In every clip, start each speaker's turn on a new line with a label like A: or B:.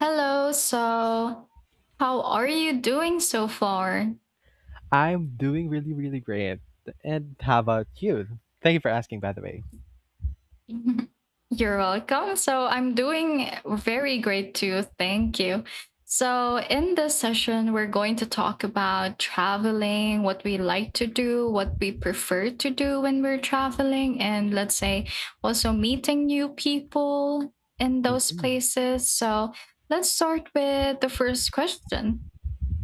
A: Hello, so how are you doing so far?
B: I'm doing really, really great. And how about you? Thank you for asking, by the way.
A: You're welcome. So I'm doing very great too. Thank you. So, in this session, we're going to talk about traveling, what we like to do, what we prefer to do when we're traveling, and let's say also meeting new people in those
B: hmm
A: places. So, let's start with the first question.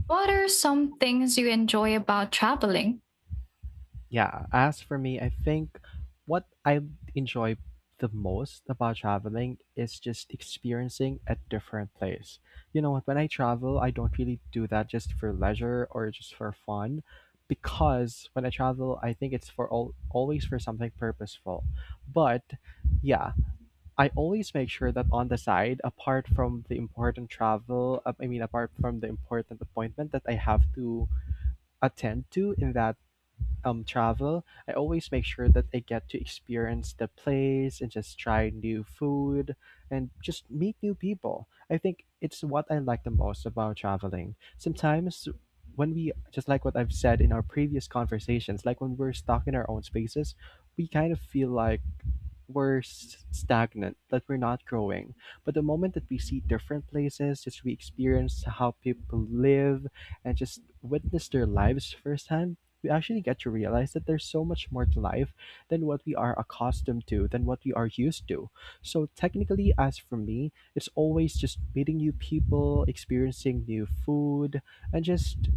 A: What are some things you enjoy about traveling?
B: Yeah, as for me, I think what I enjoy the most about traveling is just experiencing a different place. You know what? When I travel, I don't really do that just for leisure or just for fun because when I travel, I think it's for all, always for something purposeful. But yeah, I always make sure that on the side, apart from the important travel, I mean, apart from the important appointment that I have to attend to in that travel, I always make sure that I get to experience the place and just try new food and just meet new people. I think it's what I like the most about traveling. Sometimes, when we, just like what I've said in our previous conversations, like when we're stuck in our own spaces, we kind of feel like, stagnant, that we're not growing. But the moment that we see different places, just we experience how people live and just witness their lives firsthand, we actually get to realize that there's so much more to life than what we are accustomed to, than what we are used to. So, technically, as for me, it's always just meeting new people, experiencing new food, and just,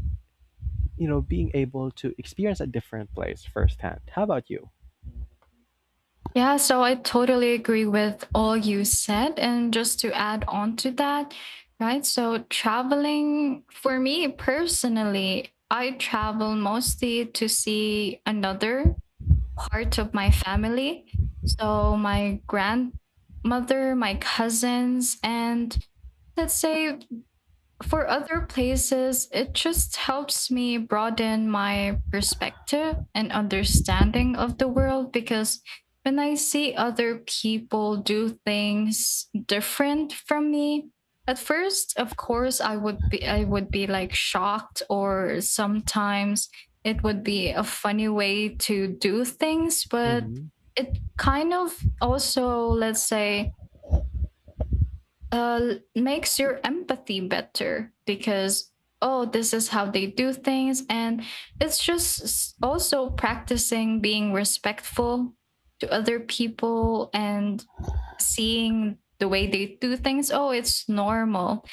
B: you know, being able to experience a different place firsthand. How about you?
A: Yeah, so I totally agree with all you said. And just to add on to that, right? So, traveling for me personally, I travel mostly to see another part of my family. So, my grandmother, my cousins, and let's say for other places, it just helps me broaden my perspective and understanding of the world because when I see other people do things different from me, at first, of course, I would be like shocked, or sometimes it would be a funny way to do things, but
B: Mm-hmm.
A: it kind of also, let's say, makes your empathy better because oh, this is how they do things. And it's just also practicing being respectful to other people and seeing the way they do things. Oh, it's normal.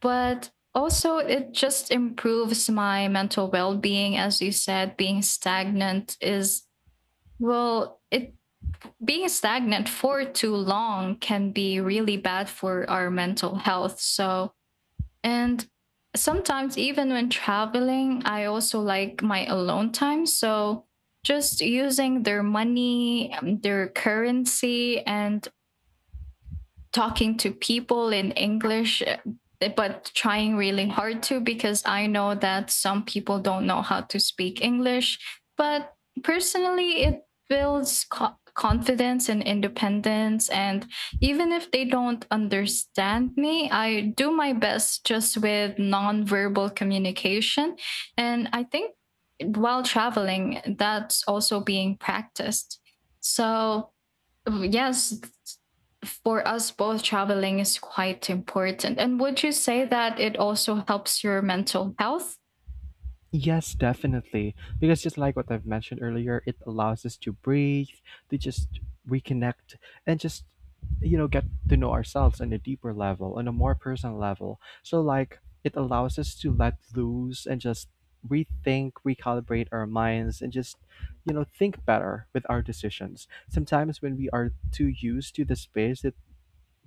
A: But also it just improves my mental well-being. As you said, being stagnant is, well, it being stagnant for too long can be really bad for our mental health. So, and sometimes even when traveling, I also like my alone time. So, just using their money, their currency, and talking to people in English, eh, but trying really hard to, because I know that some people don't know how to speak English. But personally, it builds confidence and independence. And even if they don't understand me, I do my best just with nonverbal communication. And I think while traveling, that's also being practiced. So yes, for us both, traveling is quite important. And would you say that it also helps your mental health?
B: Yes, definitely. Because just like what I've mentioned earlier, it allows us to breathe, to just reconnect, and just, you know, get to know ourselves on a deeper level, on a more personal level. So, like, it allows us to let loose and just rethink, recalibrate our minds, and just, you know, think better with our decisions. Sometimes when we are too used to the space that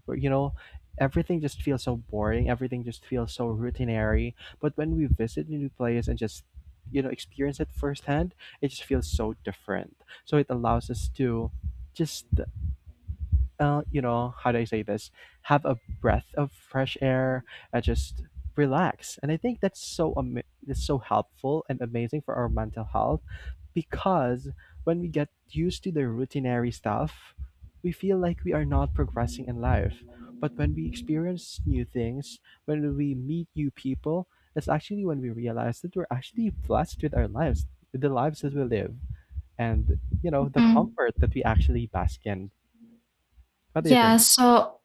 B: where, you know, everything just feels so boring, everything just feels so routinary, but when we visit new place and just, you know, experience it firsthand, it just feels so different. So it allows us to just, you know, how do I say this? Have a breath of fresh air and just relax. And I think that's so helpful and amazing for our mental health because when we get used to the routinary stuff, we feel like we are not progressing in life. But when we experience new things, when we meet new people, that's actually when we realize that we're actually blessed with our lives, with the lives that we live, and you know the
A: Mhm.
B: comfort that we actually bask in. What do you
A: Yeah,
B: think?
A: so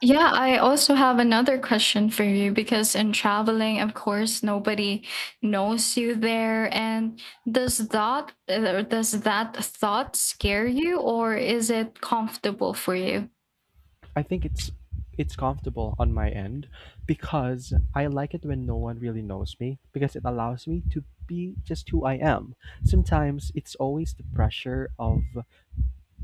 A: yeah, I also have another question for you, because in traveling, of course, nobody knows you there. And does that thought scare you, or is it comfortable for you?
B: I think It's comfortable on my end because I like it when no one really knows me because it allows me to be just who I am. Sometimes it's always the pressure of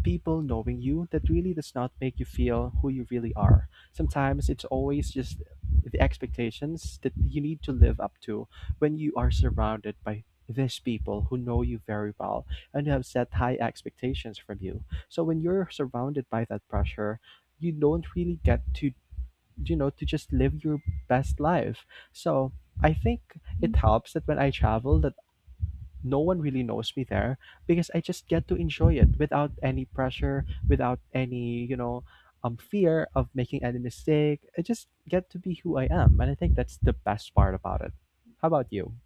B: people knowing you that really does not make you feel who you really are. Sometimes it's always just the expectations that you need to live up to when you are surrounded by these people who know you very well and have set high expectations from you. So when you're surrounded by that pressure, you don't really get to you know to just live your best life. So I think it helps that when I travel no one really knows me there because I just get to enjoy it without any pressure, without any, you know, fear of making any mistake. I just get to be who I am. And I think that's the best part about it. How about you?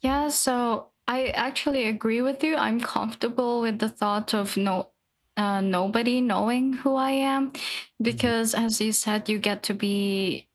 A: Yeah, so I actually agree with you. I'm comfortable with the thought of no nobody knowing who I am,
B: hmm
A: because as you said, you get to be,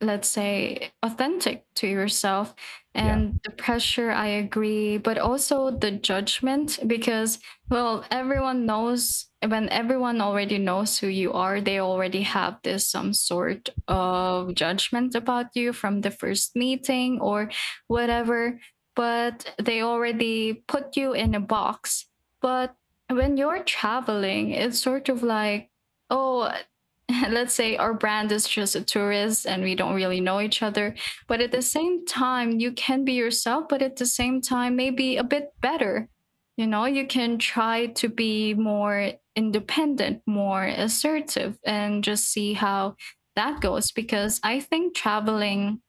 A: let's say, authentic to yourself.
B: Yeah.
A: And the pressure, I agree, but also the judgment, because well, everyone already knows who you are, they already have this some sort of judgment about you from the first meeting or whatever. But they already put you in a box. But when you're traveling, it's sort of like, oh, let's say our brand is just a tourist and we don't really know each other. But at the same time you can be yourself, but at the same time maybe a bit better. You know, you can try to be more independent, more assertive, and just see how that goes, because I think traveling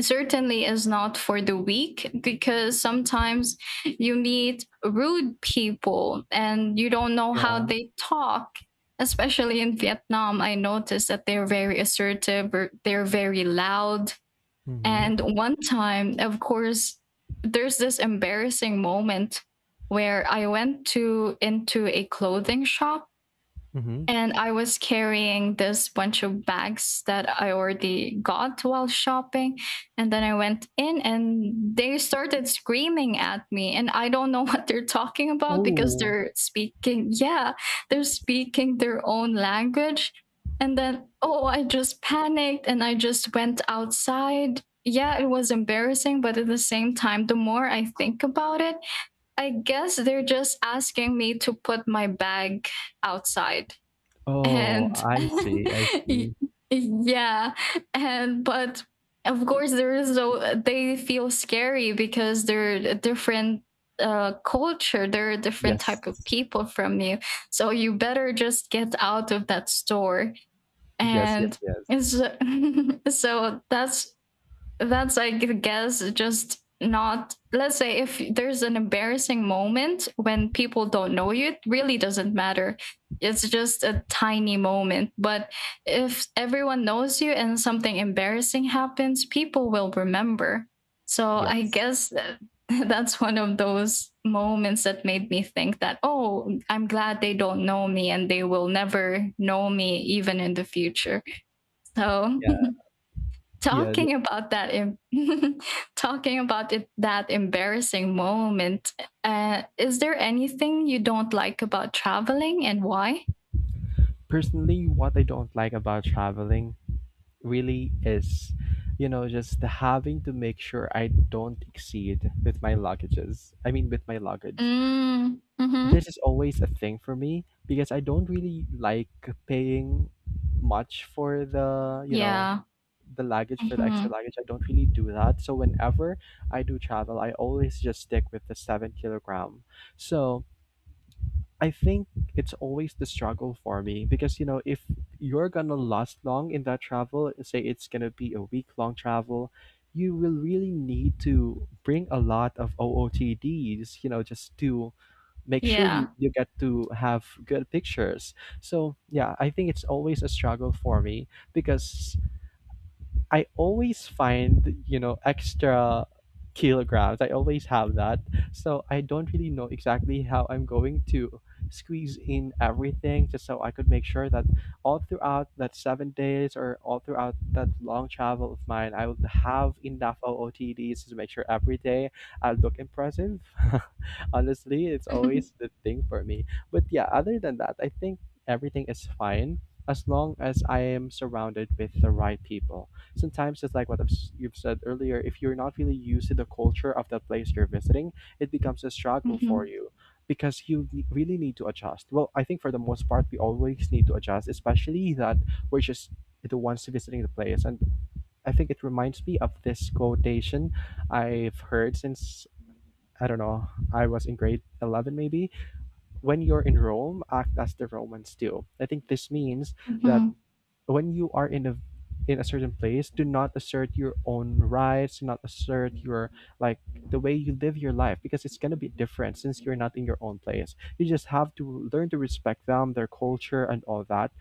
A: certainly is not for the weak, because sometimes you meet rude people and you don't know how
B: Yeah.
A: they talk. Especially in Vietnam, I noticed that they're very assertive, or they're very loud.
B: Mm-hmm.
A: And one time, of course, there's this embarrassing moment where I went to into a clothing shop,
B: Mm-hmm.
A: and I was carrying this bunch of bags that I already got while shopping. And then I went in and they started screaming at me. And I don't know what they're talking about, because
B: Oh.
A: they're speaking, yeah, they're speaking their own language. And then, oh, I just panicked and I just went outside. Yeah, it was embarrassing. But at the same time, the more I think about it, I guess they're just asking me to put my bag outside,
B: Oh,
A: and
B: I see. I see.
A: yeah. And but of course, there is though they feel scary because they're a different culture, they're a different
B: Yes.
A: type of people from you. So you better just get out of that store.
B: Yes, yes,
A: And
B: yes.
A: so, so that's I guess just, not, let's say if there's an embarrassing moment when people don't know you, it really doesn't matter. It's just a tiny moment. But if everyone knows you and something embarrassing happens, people will remember. So I
B: Yes.
A: guess that's one of those moments that made me think that oh, I'm glad they don't know me and they will never know me even in the future. So
B: Yeah. Yeah.
A: talking about that talking about it, that embarrassing moment, is there anything you don't like about traveling, and why?
B: Personally, what I don't like about traveling really is. You know, just having to make sure I don't exceed with my luggages. I mean, with my luggage.
A: Mm, hmm
B: This is always a thing for me because I don't really like paying much for the, you know,
A: yeah.
B: the luggage for the
A: Hmm.
B: extra luggage. I don't really do that. So whenever I do travel, I always just stick with the 7 kg. So I think it's always the struggle for me because you know if you're gonna last long in that travel, say it's gonna be a week long travel, you will really need to bring a lot of OOTDs, you know, just to make sure
A: Yeah.
B: you get to have good pictures. So yeah, I think it's always a struggle for me because I always find, you know, extra kilograms. I always have that. So I don't really know exactly how I'm going to squeeze in everything just so I could make sure that all throughout that 7 days or all throughout that long travel of mine, I would have enough OOTDs to make sure every day I look impressive. Honestly, it's always the thing for me. But yeah, other than that, I think everything is fine as long as I am surrounded with the right people. Sometimes, just like what you've said earlier, if you're not really used to the culture of the place you're visiting, it becomes a struggle
A: Hmm.
B: for you because really need to adjust. Well, I think for the most part, we always need to adjust, especially that we're just the ones visiting the place. And I think it reminds me of this quotation I've heard since, I don't know, I was in grade 11 maybe. When you're in Rome, act as the Romans do. I think this means that
A: Hmm.
B: when you are in a certain place, do not assert your own rights, do not assert your, like, the way you live your life because it's going to be different since you're not in your own place. You just have to learn to respect them, their culture and all that.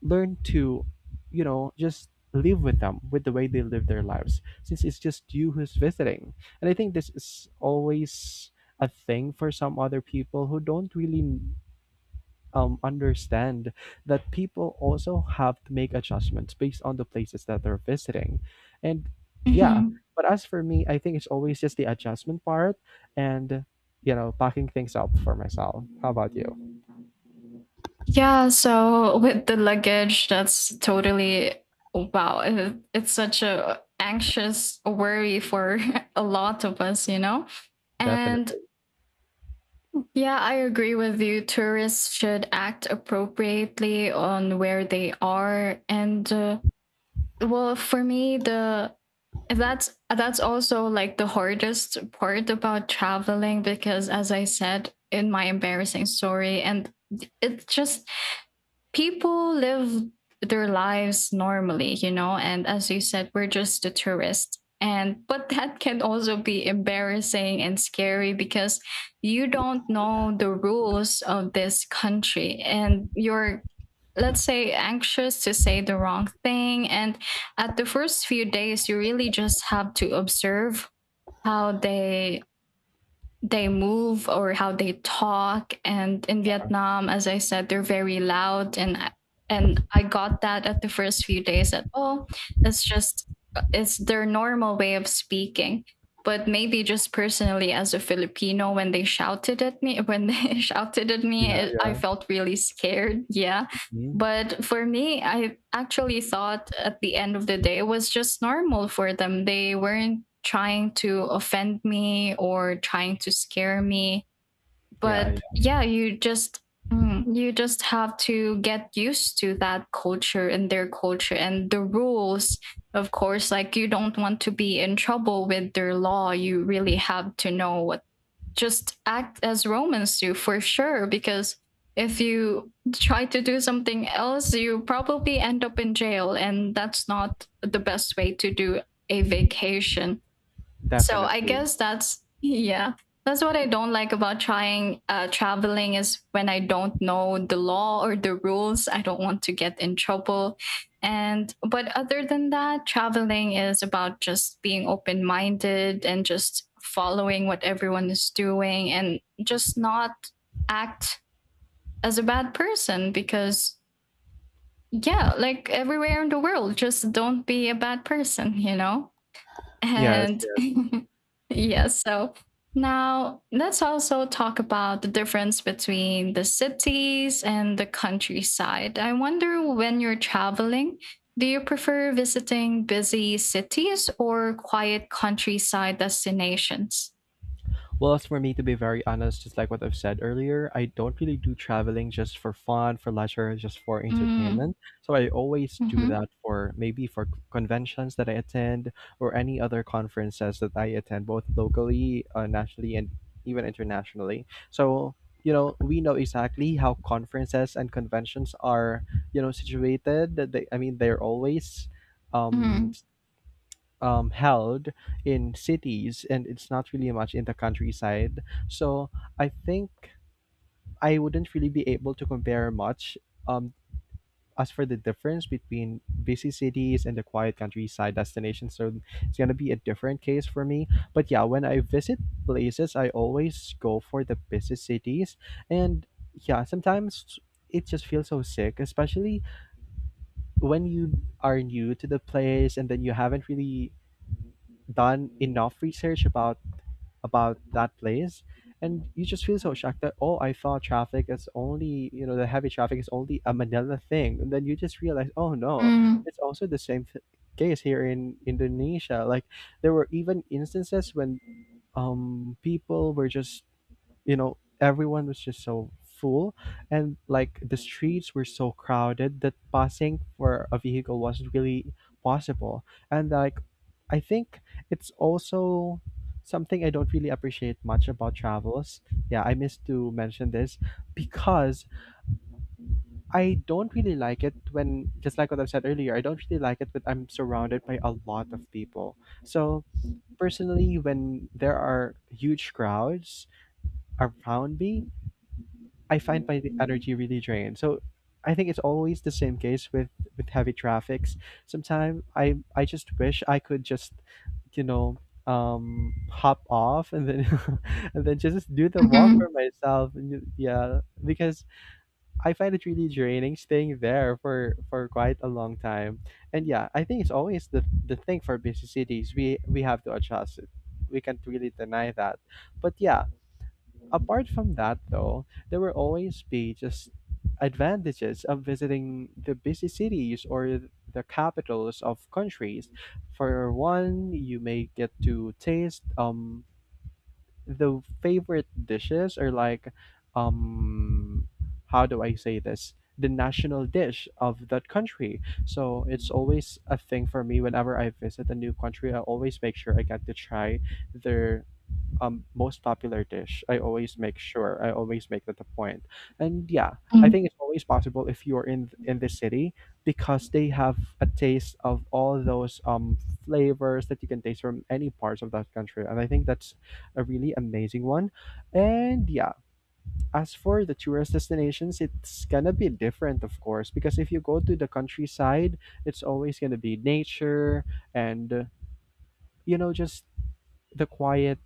B: Learn to, you know, just live with them with the way they live their lives since it's just you who's visiting. And I think this is always a thing for some other people who don't really, understand that people also have to make adjustments based on the places that they're visiting. And yeah,
A: Hmm.
B: but as for me, I think it's always just the adjustment part and, you know, packing things up for myself. How about you?
A: Yeah, so with the luggage, that's totally wow, it's such a anxious worry for a lot of us, you know. And
B: Definitely.
A: yeah, I agree with you. Tourists should act appropriately on where they are, and well, for me, the that's also like the hardest part about traveling because, as I said in my embarrassing story, and it's just people live their lives normally, you know, and as you said, we're just the tourists. And but that can also be embarrassing and scary because you don't know the rules of this country, and you're, let's say, anxious to say the wrong thing. And at the first few days you really just have to observe how they move or how they talk. And in Vietnam, as I said, they're very loud. And I got that at the first few days, that oh, it's just it's their normal way of speaking. But maybe just personally as a Filipino, when they shouted at me, when they shouted at
B: Yeah,
A: me, I
B: yeah.
A: felt really scared, yeah.
B: Mhm.
A: But for me, I actually thought at the end of the day, it was just normal for them. They weren't trying to offend me or trying to scare me.
B: Yeah,
A: But
B: yeah.
A: yeah, you just, mm, you just have to get used to that culture and their culture and the rules. Of course, like you don't want to be in trouble with their law. You really have to know what, just act as Romans do for sure. Because if you try to do something else, you probably end up in jail, and that's not the best way to do a vacation. So I
B: Definitely.
A: guess that's yeah. That's what I don't like about trying traveling, is when I don't know the law or the rules. I don't want to get in trouble. And but other than that, traveling is about just being open minded and just following what everyone is doing, and just not act as a bad person, because yeah, like everywhere in the world, just don't be a bad person, you know?
B: Yes,
A: And
B: yes.
A: yeah, so now let's also talk about the difference between the cities and the countryside. I wonder when you're traveling, do you prefer visiting busy cities or quiet countryside destinations?
B: Well, as for me, to be very honest, just like what I've said earlier, I don't really do traveling just for fun, for leisure, just for
A: Mm.
B: entertainment. So I always do
A: Mhm.
B: that for maybe for conventions that I attend or any other conferences that I attend, both locally, nationally, and even internationally. So you know we know exactly how conferences and conventions are, you know, situated that they're always, um
A: Mm.
B: held in cities and it's not really much in the countryside. So I think I wouldn't really be able to compare much. Um, as for the difference between busy cities and the quiet countryside destinations, so it's gonna be a different case for me. But yeah, when I visit places, I always go for the busy cities, and yeah, sometimes it just feels so sick, especially when you are new to the place and then you haven't really done enough research about that place, and you just feel so shocked that, oh, I thought traffic is only, you know, the heavy traffic is only a Manila thing, and then you just realize, oh no, it's also the same case here in Indonesia. Like, there were even instances when, people were just, you know, everyone was just so full, and like the streets were so crowded that passing for a vehicle wasn't really possible. And like I think it's also something I don't really appreciate much about travels. Yeah, I missed to mention this because I don't really like it when, just like what I've said earlier, I don't really like it when I'm surrounded by a lot of people. So personally, when there are huge crowds around me, I find my energy really drained. So I think it's always the same case with heavy traffics. Sometimes I just wish I could just, you know, hop off, and then and then just do the walk
A: Mm.
B: for myself, and yeah, because I find it really draining staying there for quite a long time. And yeah, I think it's always the thing for busy cities. We have to adjust it. We can't really deny that, but yeah, apart from that, though, there will always be just advantages of visiting the busy cities or the capitals of countries. For one, you may get to taste, the favorite dishes, or like, um how do I say this? The national dish of that country. So it's always a thing for me whenever I visit a new country. I always make sure I get to try their, most popular dish. I always make sure. I always make that a point. And yeah, I think it's always possible if you're in the city because they have a taste of all those flavors that you can taste from any parts of that country. And I think that's a really amazing one. And yeah, as for the tourist destinations, it's gonna be different, of course, because if you go to the countryside, it's always gonna be nature and you know just the quiet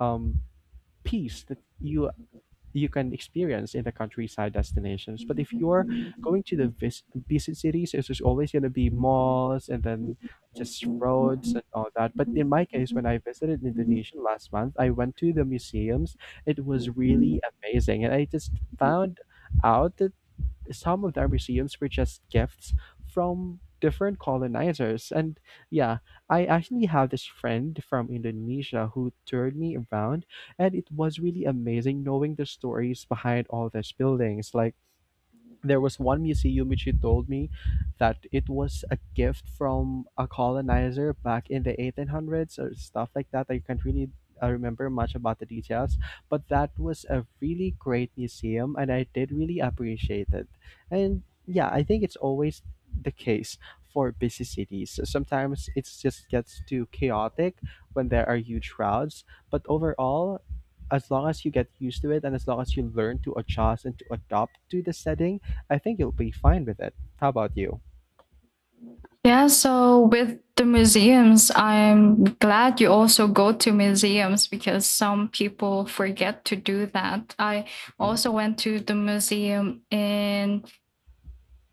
B: um peace that you can experience in the countryside destinations. But if you're going to the busy cities, it's just always going to be malls and then just roads and all that. But in my case, when I visited Indonesia last month, I went to the museums. It was
A: Mhm.
B: really amazing, and I just
A: Mm.
B: found out that some of their museums were just gifts from different colonizers. And yeah, I actually have this friend from Indonesia who toured me around, and it was really amazing knowing the stories behind all these buildings. Like, there was one museum which he told me that it was a gift from a colonizer back in the 1800s or stuff like that. I can't really remember much about the details, but that was a really great museum and I did really appreciate it. And yeah, I think it's always the case for busy cities. So sometimes it just gets too chaotic when there are huge crowds, but overall, as long as you get used to it and as long as you learn to adjust and to adopt to the setting, I think you'll be fine with it. How about you?
A: Yeah, so with the museums, I'm glad you also go to museums because some people forget to do that. I
B: Mhm.
A: also went to the museum in,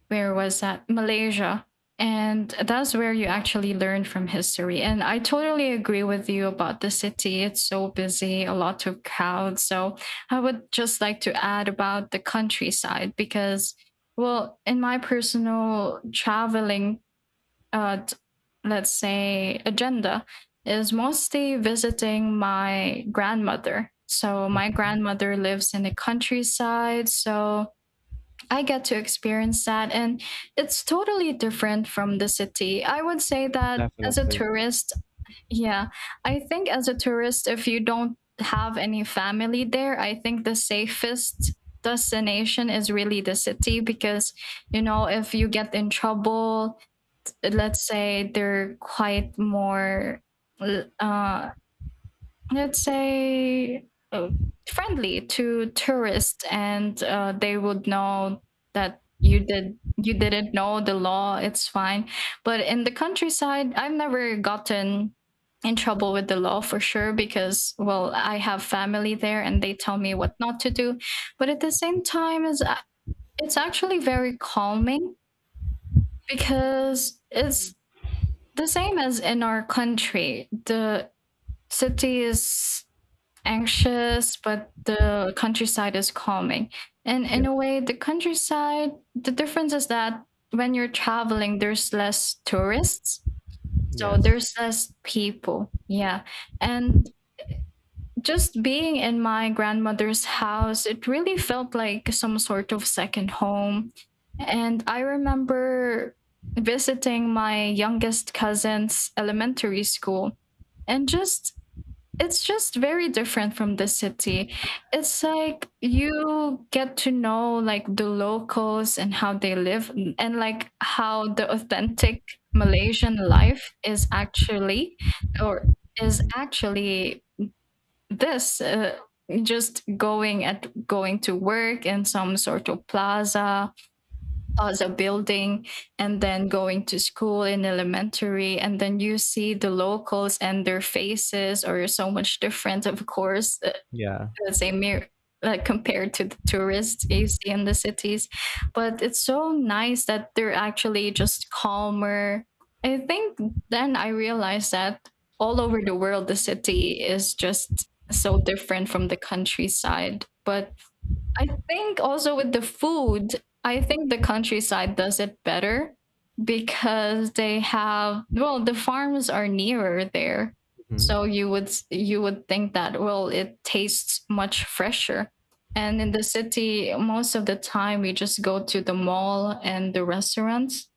A: where was that? Malaysia. And that's where you actually learn from history. And I totally agree with you about the city. It's so busy, a lot of crowds. So I would just like to add about the countryside because, well, in my personal traveling, uh, let's say, agenda, is mostly visiting my grandmother. So, my
B: Mhm.
A: grandmother lives in the countryside. So, I get to experience that. And it's totally different from the city. I would say that as a
B: Definitely.
A: tourist, yeah, I think as a tourist, if you don't have any family there, I think the safest destination is really the city because, you know, if you get in trouble, let's say they're quite more uh, let's say friendly to tourists, and they would know that you didn't know the law, it's fine. But in the countryside, I've never gotten in trouble with the law, for sure, because well, I have family there and they tell me what not to do. But at the same time, is it's actually very calming, because it's the same as in our country. The city is anxious, but the countryside is calming. And
B: Yeah.
A: in a way, the countryside, the difference is that when you're traveling, there's less tourists. So
B: Yes.
A: there's less people. Yeah. And just being in my grandmother's house, it really felt like some sort of second home. And I remember visiting my youngest cousin's elementary school, and just it's just very different from the city. It's like you get to know like the locals and how they live and like how the authentic Malaysian life is actually or is
B: Hmm.
A: actually this just going to work in some sort of plaza building, and then going to school in elementary. And then you see the locals and their faces are so much different, of course,
B: Yeah.
A: the same mirror, like compared to the tourists you see in the cities. But it's so nice that they're actually just calmer, I think. Then I realized that all over the world the city is just so different from the countryside. But I think also with the food, I think the countryside does it better because they have, well, the farms are nearer there. So
B: Hmm.
A: you would you would think that, well, it tastes much fresher. And in the city most of the time we just go to the mall and the restaurants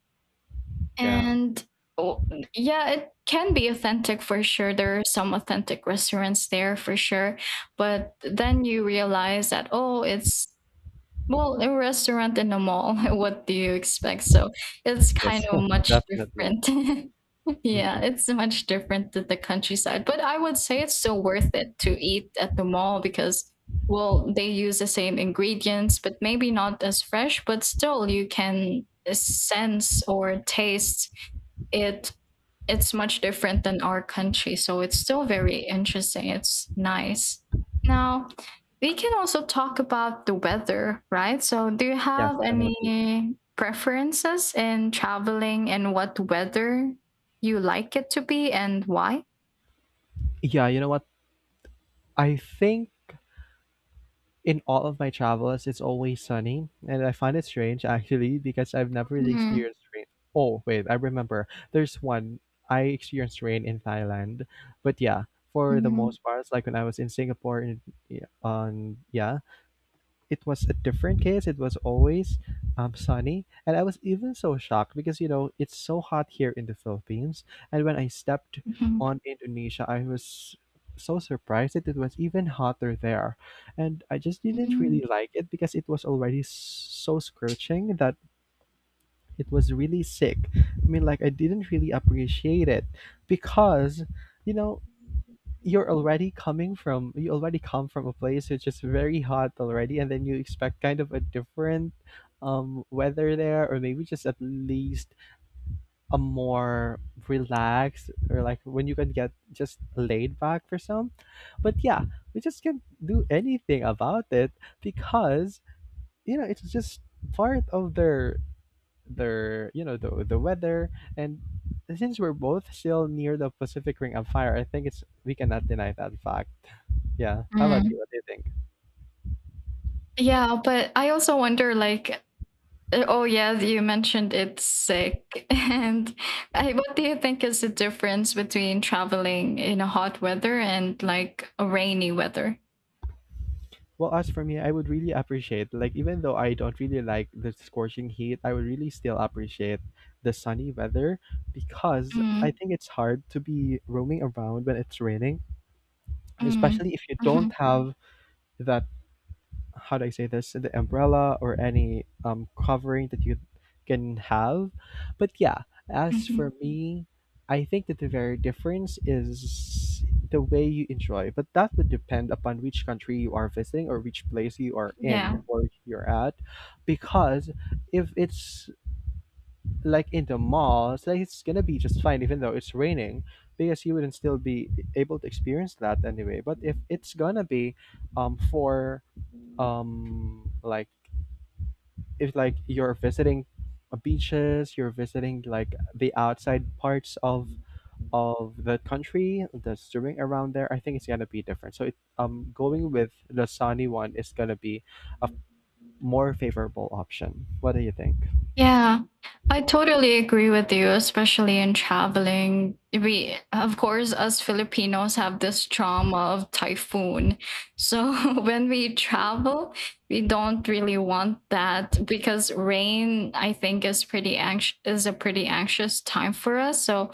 B: Yeah.
A: and oh, yeah, it can be authentic for sure, there are some authentic restaurants there for sure, but then you realize that, oh, it's, well, a restaurant in a mall, what do you expect? So it's kind
B: Yes.
A: of much
B: Definitely.
A: different. Yeah,
B: Hmm.
A: it's much different to the countryside. But I would say it's still worth it to eat at the mall because, well, they use the same ingredients, but maybe not as fresh, but still you can sense or taste it. It's much different than our country. So it's still very interesting. It's nice. Now, we can also talk about the weather, right? So, do you
B: Yes.
A: have
B: Definitely.
A: any preferences in traveling and what weather you like it to be and why?
B: Yeah. You know what? I think. In all of my travels, it's always sunny, and I find it strange actually because I've never really
A: Mm,
B: experienced rain. Oh, wait, I remember. There's one I experienced rain in Thailand, but yeah, for the
A: mm,
B: most part, like when I was in Singapore and yeah, on yeah, it was a different case. It was always sunny, and I was even so shocked because you know it's so hot here in the Philippines. And when I stepped
A: mhm,
B: on Indonesia, I was so surprised that it was even hotter there, and I just didn't
A: mm,
B: really like it because it was already so scorching that it was really sick. I mean, like I didn't really appreciate it because you know you already come from a place which is very hot already and then you expect kind of a different weather there or maybe just at least a more relaxed or like when you can get just laid back for some, but yeah we just can't do anything about it because you know it's just part of their you know the weather. And since we're both still near the Pacific ring of fire, I think it's we cannot deny that fact, yeah. How about
A: mm.
B: you? What do you think?
A: Yeah, but I also wonder like oh yeah, you mentioned it's sick. What do you think is the difference between traveling in a hot weather and like a rainy weather?
B: Well, as for me, I would really appreciate, like, even though I don't really like the scorching heat, I would really still appreciate the sunny weather because I
A: Mm,
B: think it's hard to be roaming around when it's raining,
A: mm,
B: especially if you
A: hmm.
B: don't have that, how do I say this, the umbrella or any covering that you can have. But yeah, as
A: Hmm.
B: for me, I think that the very difference is the way you enjoy. But that would depend upon which country you are visiting or which place you are in
A: Yeah.
B: or you're at. Because if it's like in the mall, it's, like it's gonna be just fine even though it's raining because you wouldn't still be able to experience that anyway. But if it's gonna be for like if like you're visiting beaches, you're visiting like the outside parts of the country, the swimming around there. I think it's gonna be different, so going with the sunny one is gonna be a more favorable option. What do you think?
A: Yeah, I totally agree with you, especially in traveling. We, of course, us Filipinos have this trauma of typhoon. So when we travel, we don't really want that because rain, I think, is a pretty anxious time for us. So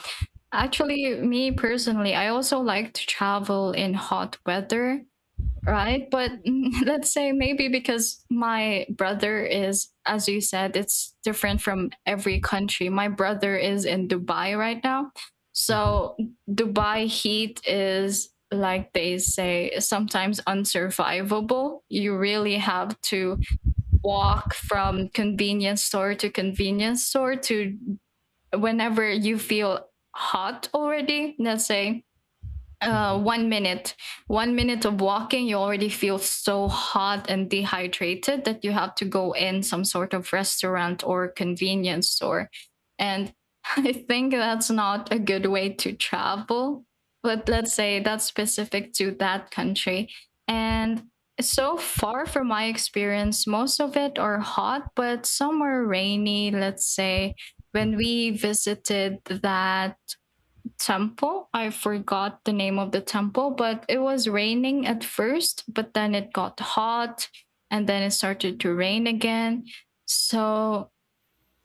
A: actually, me personally, I also like to travel in hot weather, right? But let's say maybe because my brother is, as you said, it's different from every country. My brother is in Dubai right now.
B: Hmm.
A: So Dubai heat is, like they say, sometimes unsurvivable. You really have to walk from convenience store to convenience store, to whenever you feel hot already. Let's say
B: Hmm.
A: 1 minute, 1 minute of walking, you already feel so hot and dehydrated that you have to go in some sort of restaurant or convenience store. And I think that's not a good way to travel. But let's say that's specific to that country. And so far from my experience, most of it are hot, but some were rainy, let's say. When
B: Hmm.
A: we visited that temple, I forgot the name of the temple, but it was raining at first, but then it got hot and then it started to rain again. So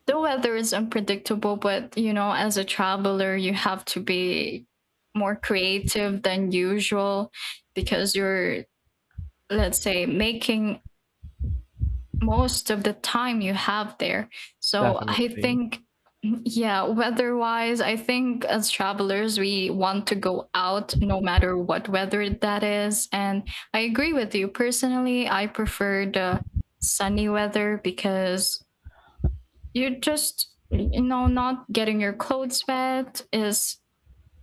A: the weather is unpredictable, but you know, as a traveler, you have to be more creative than usual because you're, let's say, making most of the time you have there. So I
B: Definitely.
A: think, yeah, weather wise, I think as travelers, we want to go out no matter what weather that is. And I agree with you. Personally, I prefer the sunny weather because you're just, you know, not getting your clothes wet is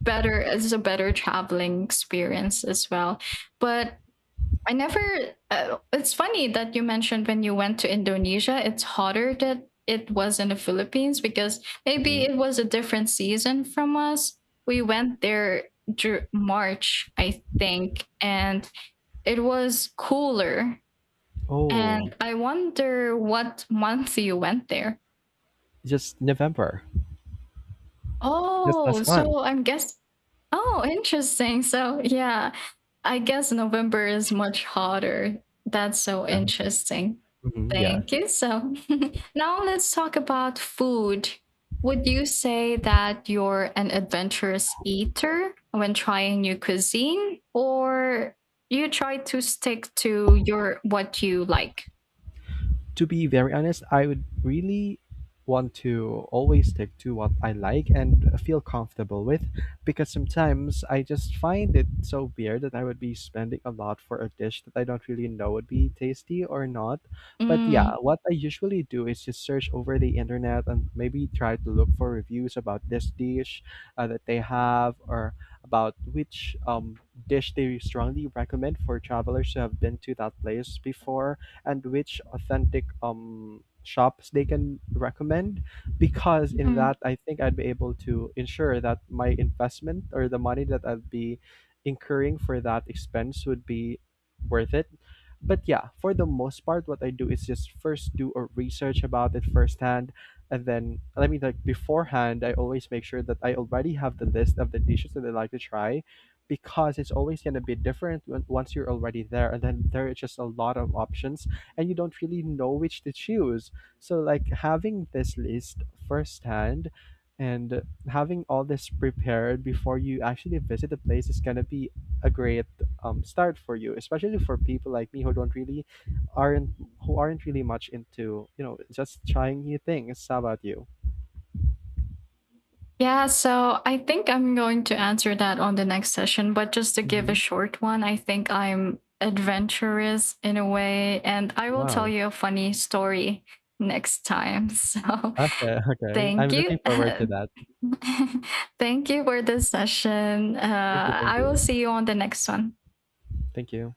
A: better is a better traveling experience as well. But I never. It's funny that you mentioned when you went to Indonesia, it's hotter that it was in the Philippines, because maybe
B: Hmm.
A: it was a different season from us. We went there March, I think, and it was cooler.
B: Oh,
A: And I wonder what month you went there.
B: just November. Just
A: Oh,
B: last month.
A: so I'm guess. Oh, interesting. So, yeah, I guess November is much hotter. That's so
B: Yeah.
A: interesting.
B: Hmm. Yeah.
A: Thank you. So, now let's talk about food. Would you say that you're an adventurous eater when trying new cuisine, or you try to stick to your what you like?
B: To be very honest, I would really want to always stick to what I like and feel comfortable with because sometimes I just find it so weird that I would be spending a lot for a dish that I don't really know would be tasty or not. But yeah,
A: Mm.
B: what I usually do is just search over the internet and maybe try to look for reviews about this dish that they have, or about which dish they strongly recommend for travelers who have been to that place before, and which authentic shops they can recommend, because in that I think I'd be able to ensure that my investment or the money that I'd be incurring for that expense would be worth it. But yeah, for the most part, what I do is just first do a research about it firsthand, and then I mean like beforehand, I always make sure that I already have the list of the dishes that I like to try, because it's always gonna be different when, once you're already there, and then there are just a lot of options and you don't really know which to choose. So, like, having this list firsthand and having all this prepared before you actually visit the place is going to be a great start for you, especially for people like me who don't really aren't who aren't really much into, you know, just trying new things. How about you?
A: Yeah, so I think I'm going to answer that on the next session, but just to give a
B: Hmm.
A: short one, I think I'm adventurous in a way, and I will tell
B: Wow.
A: you a funny story next time. So
B: Okay, okay. I'm
A: thank
B: looking
A: you.
B: forward to that.
A: Thank you for this session.
B: Thank you, thank
A: I will
B: you.
A: see you on the next one.
B: Thank you.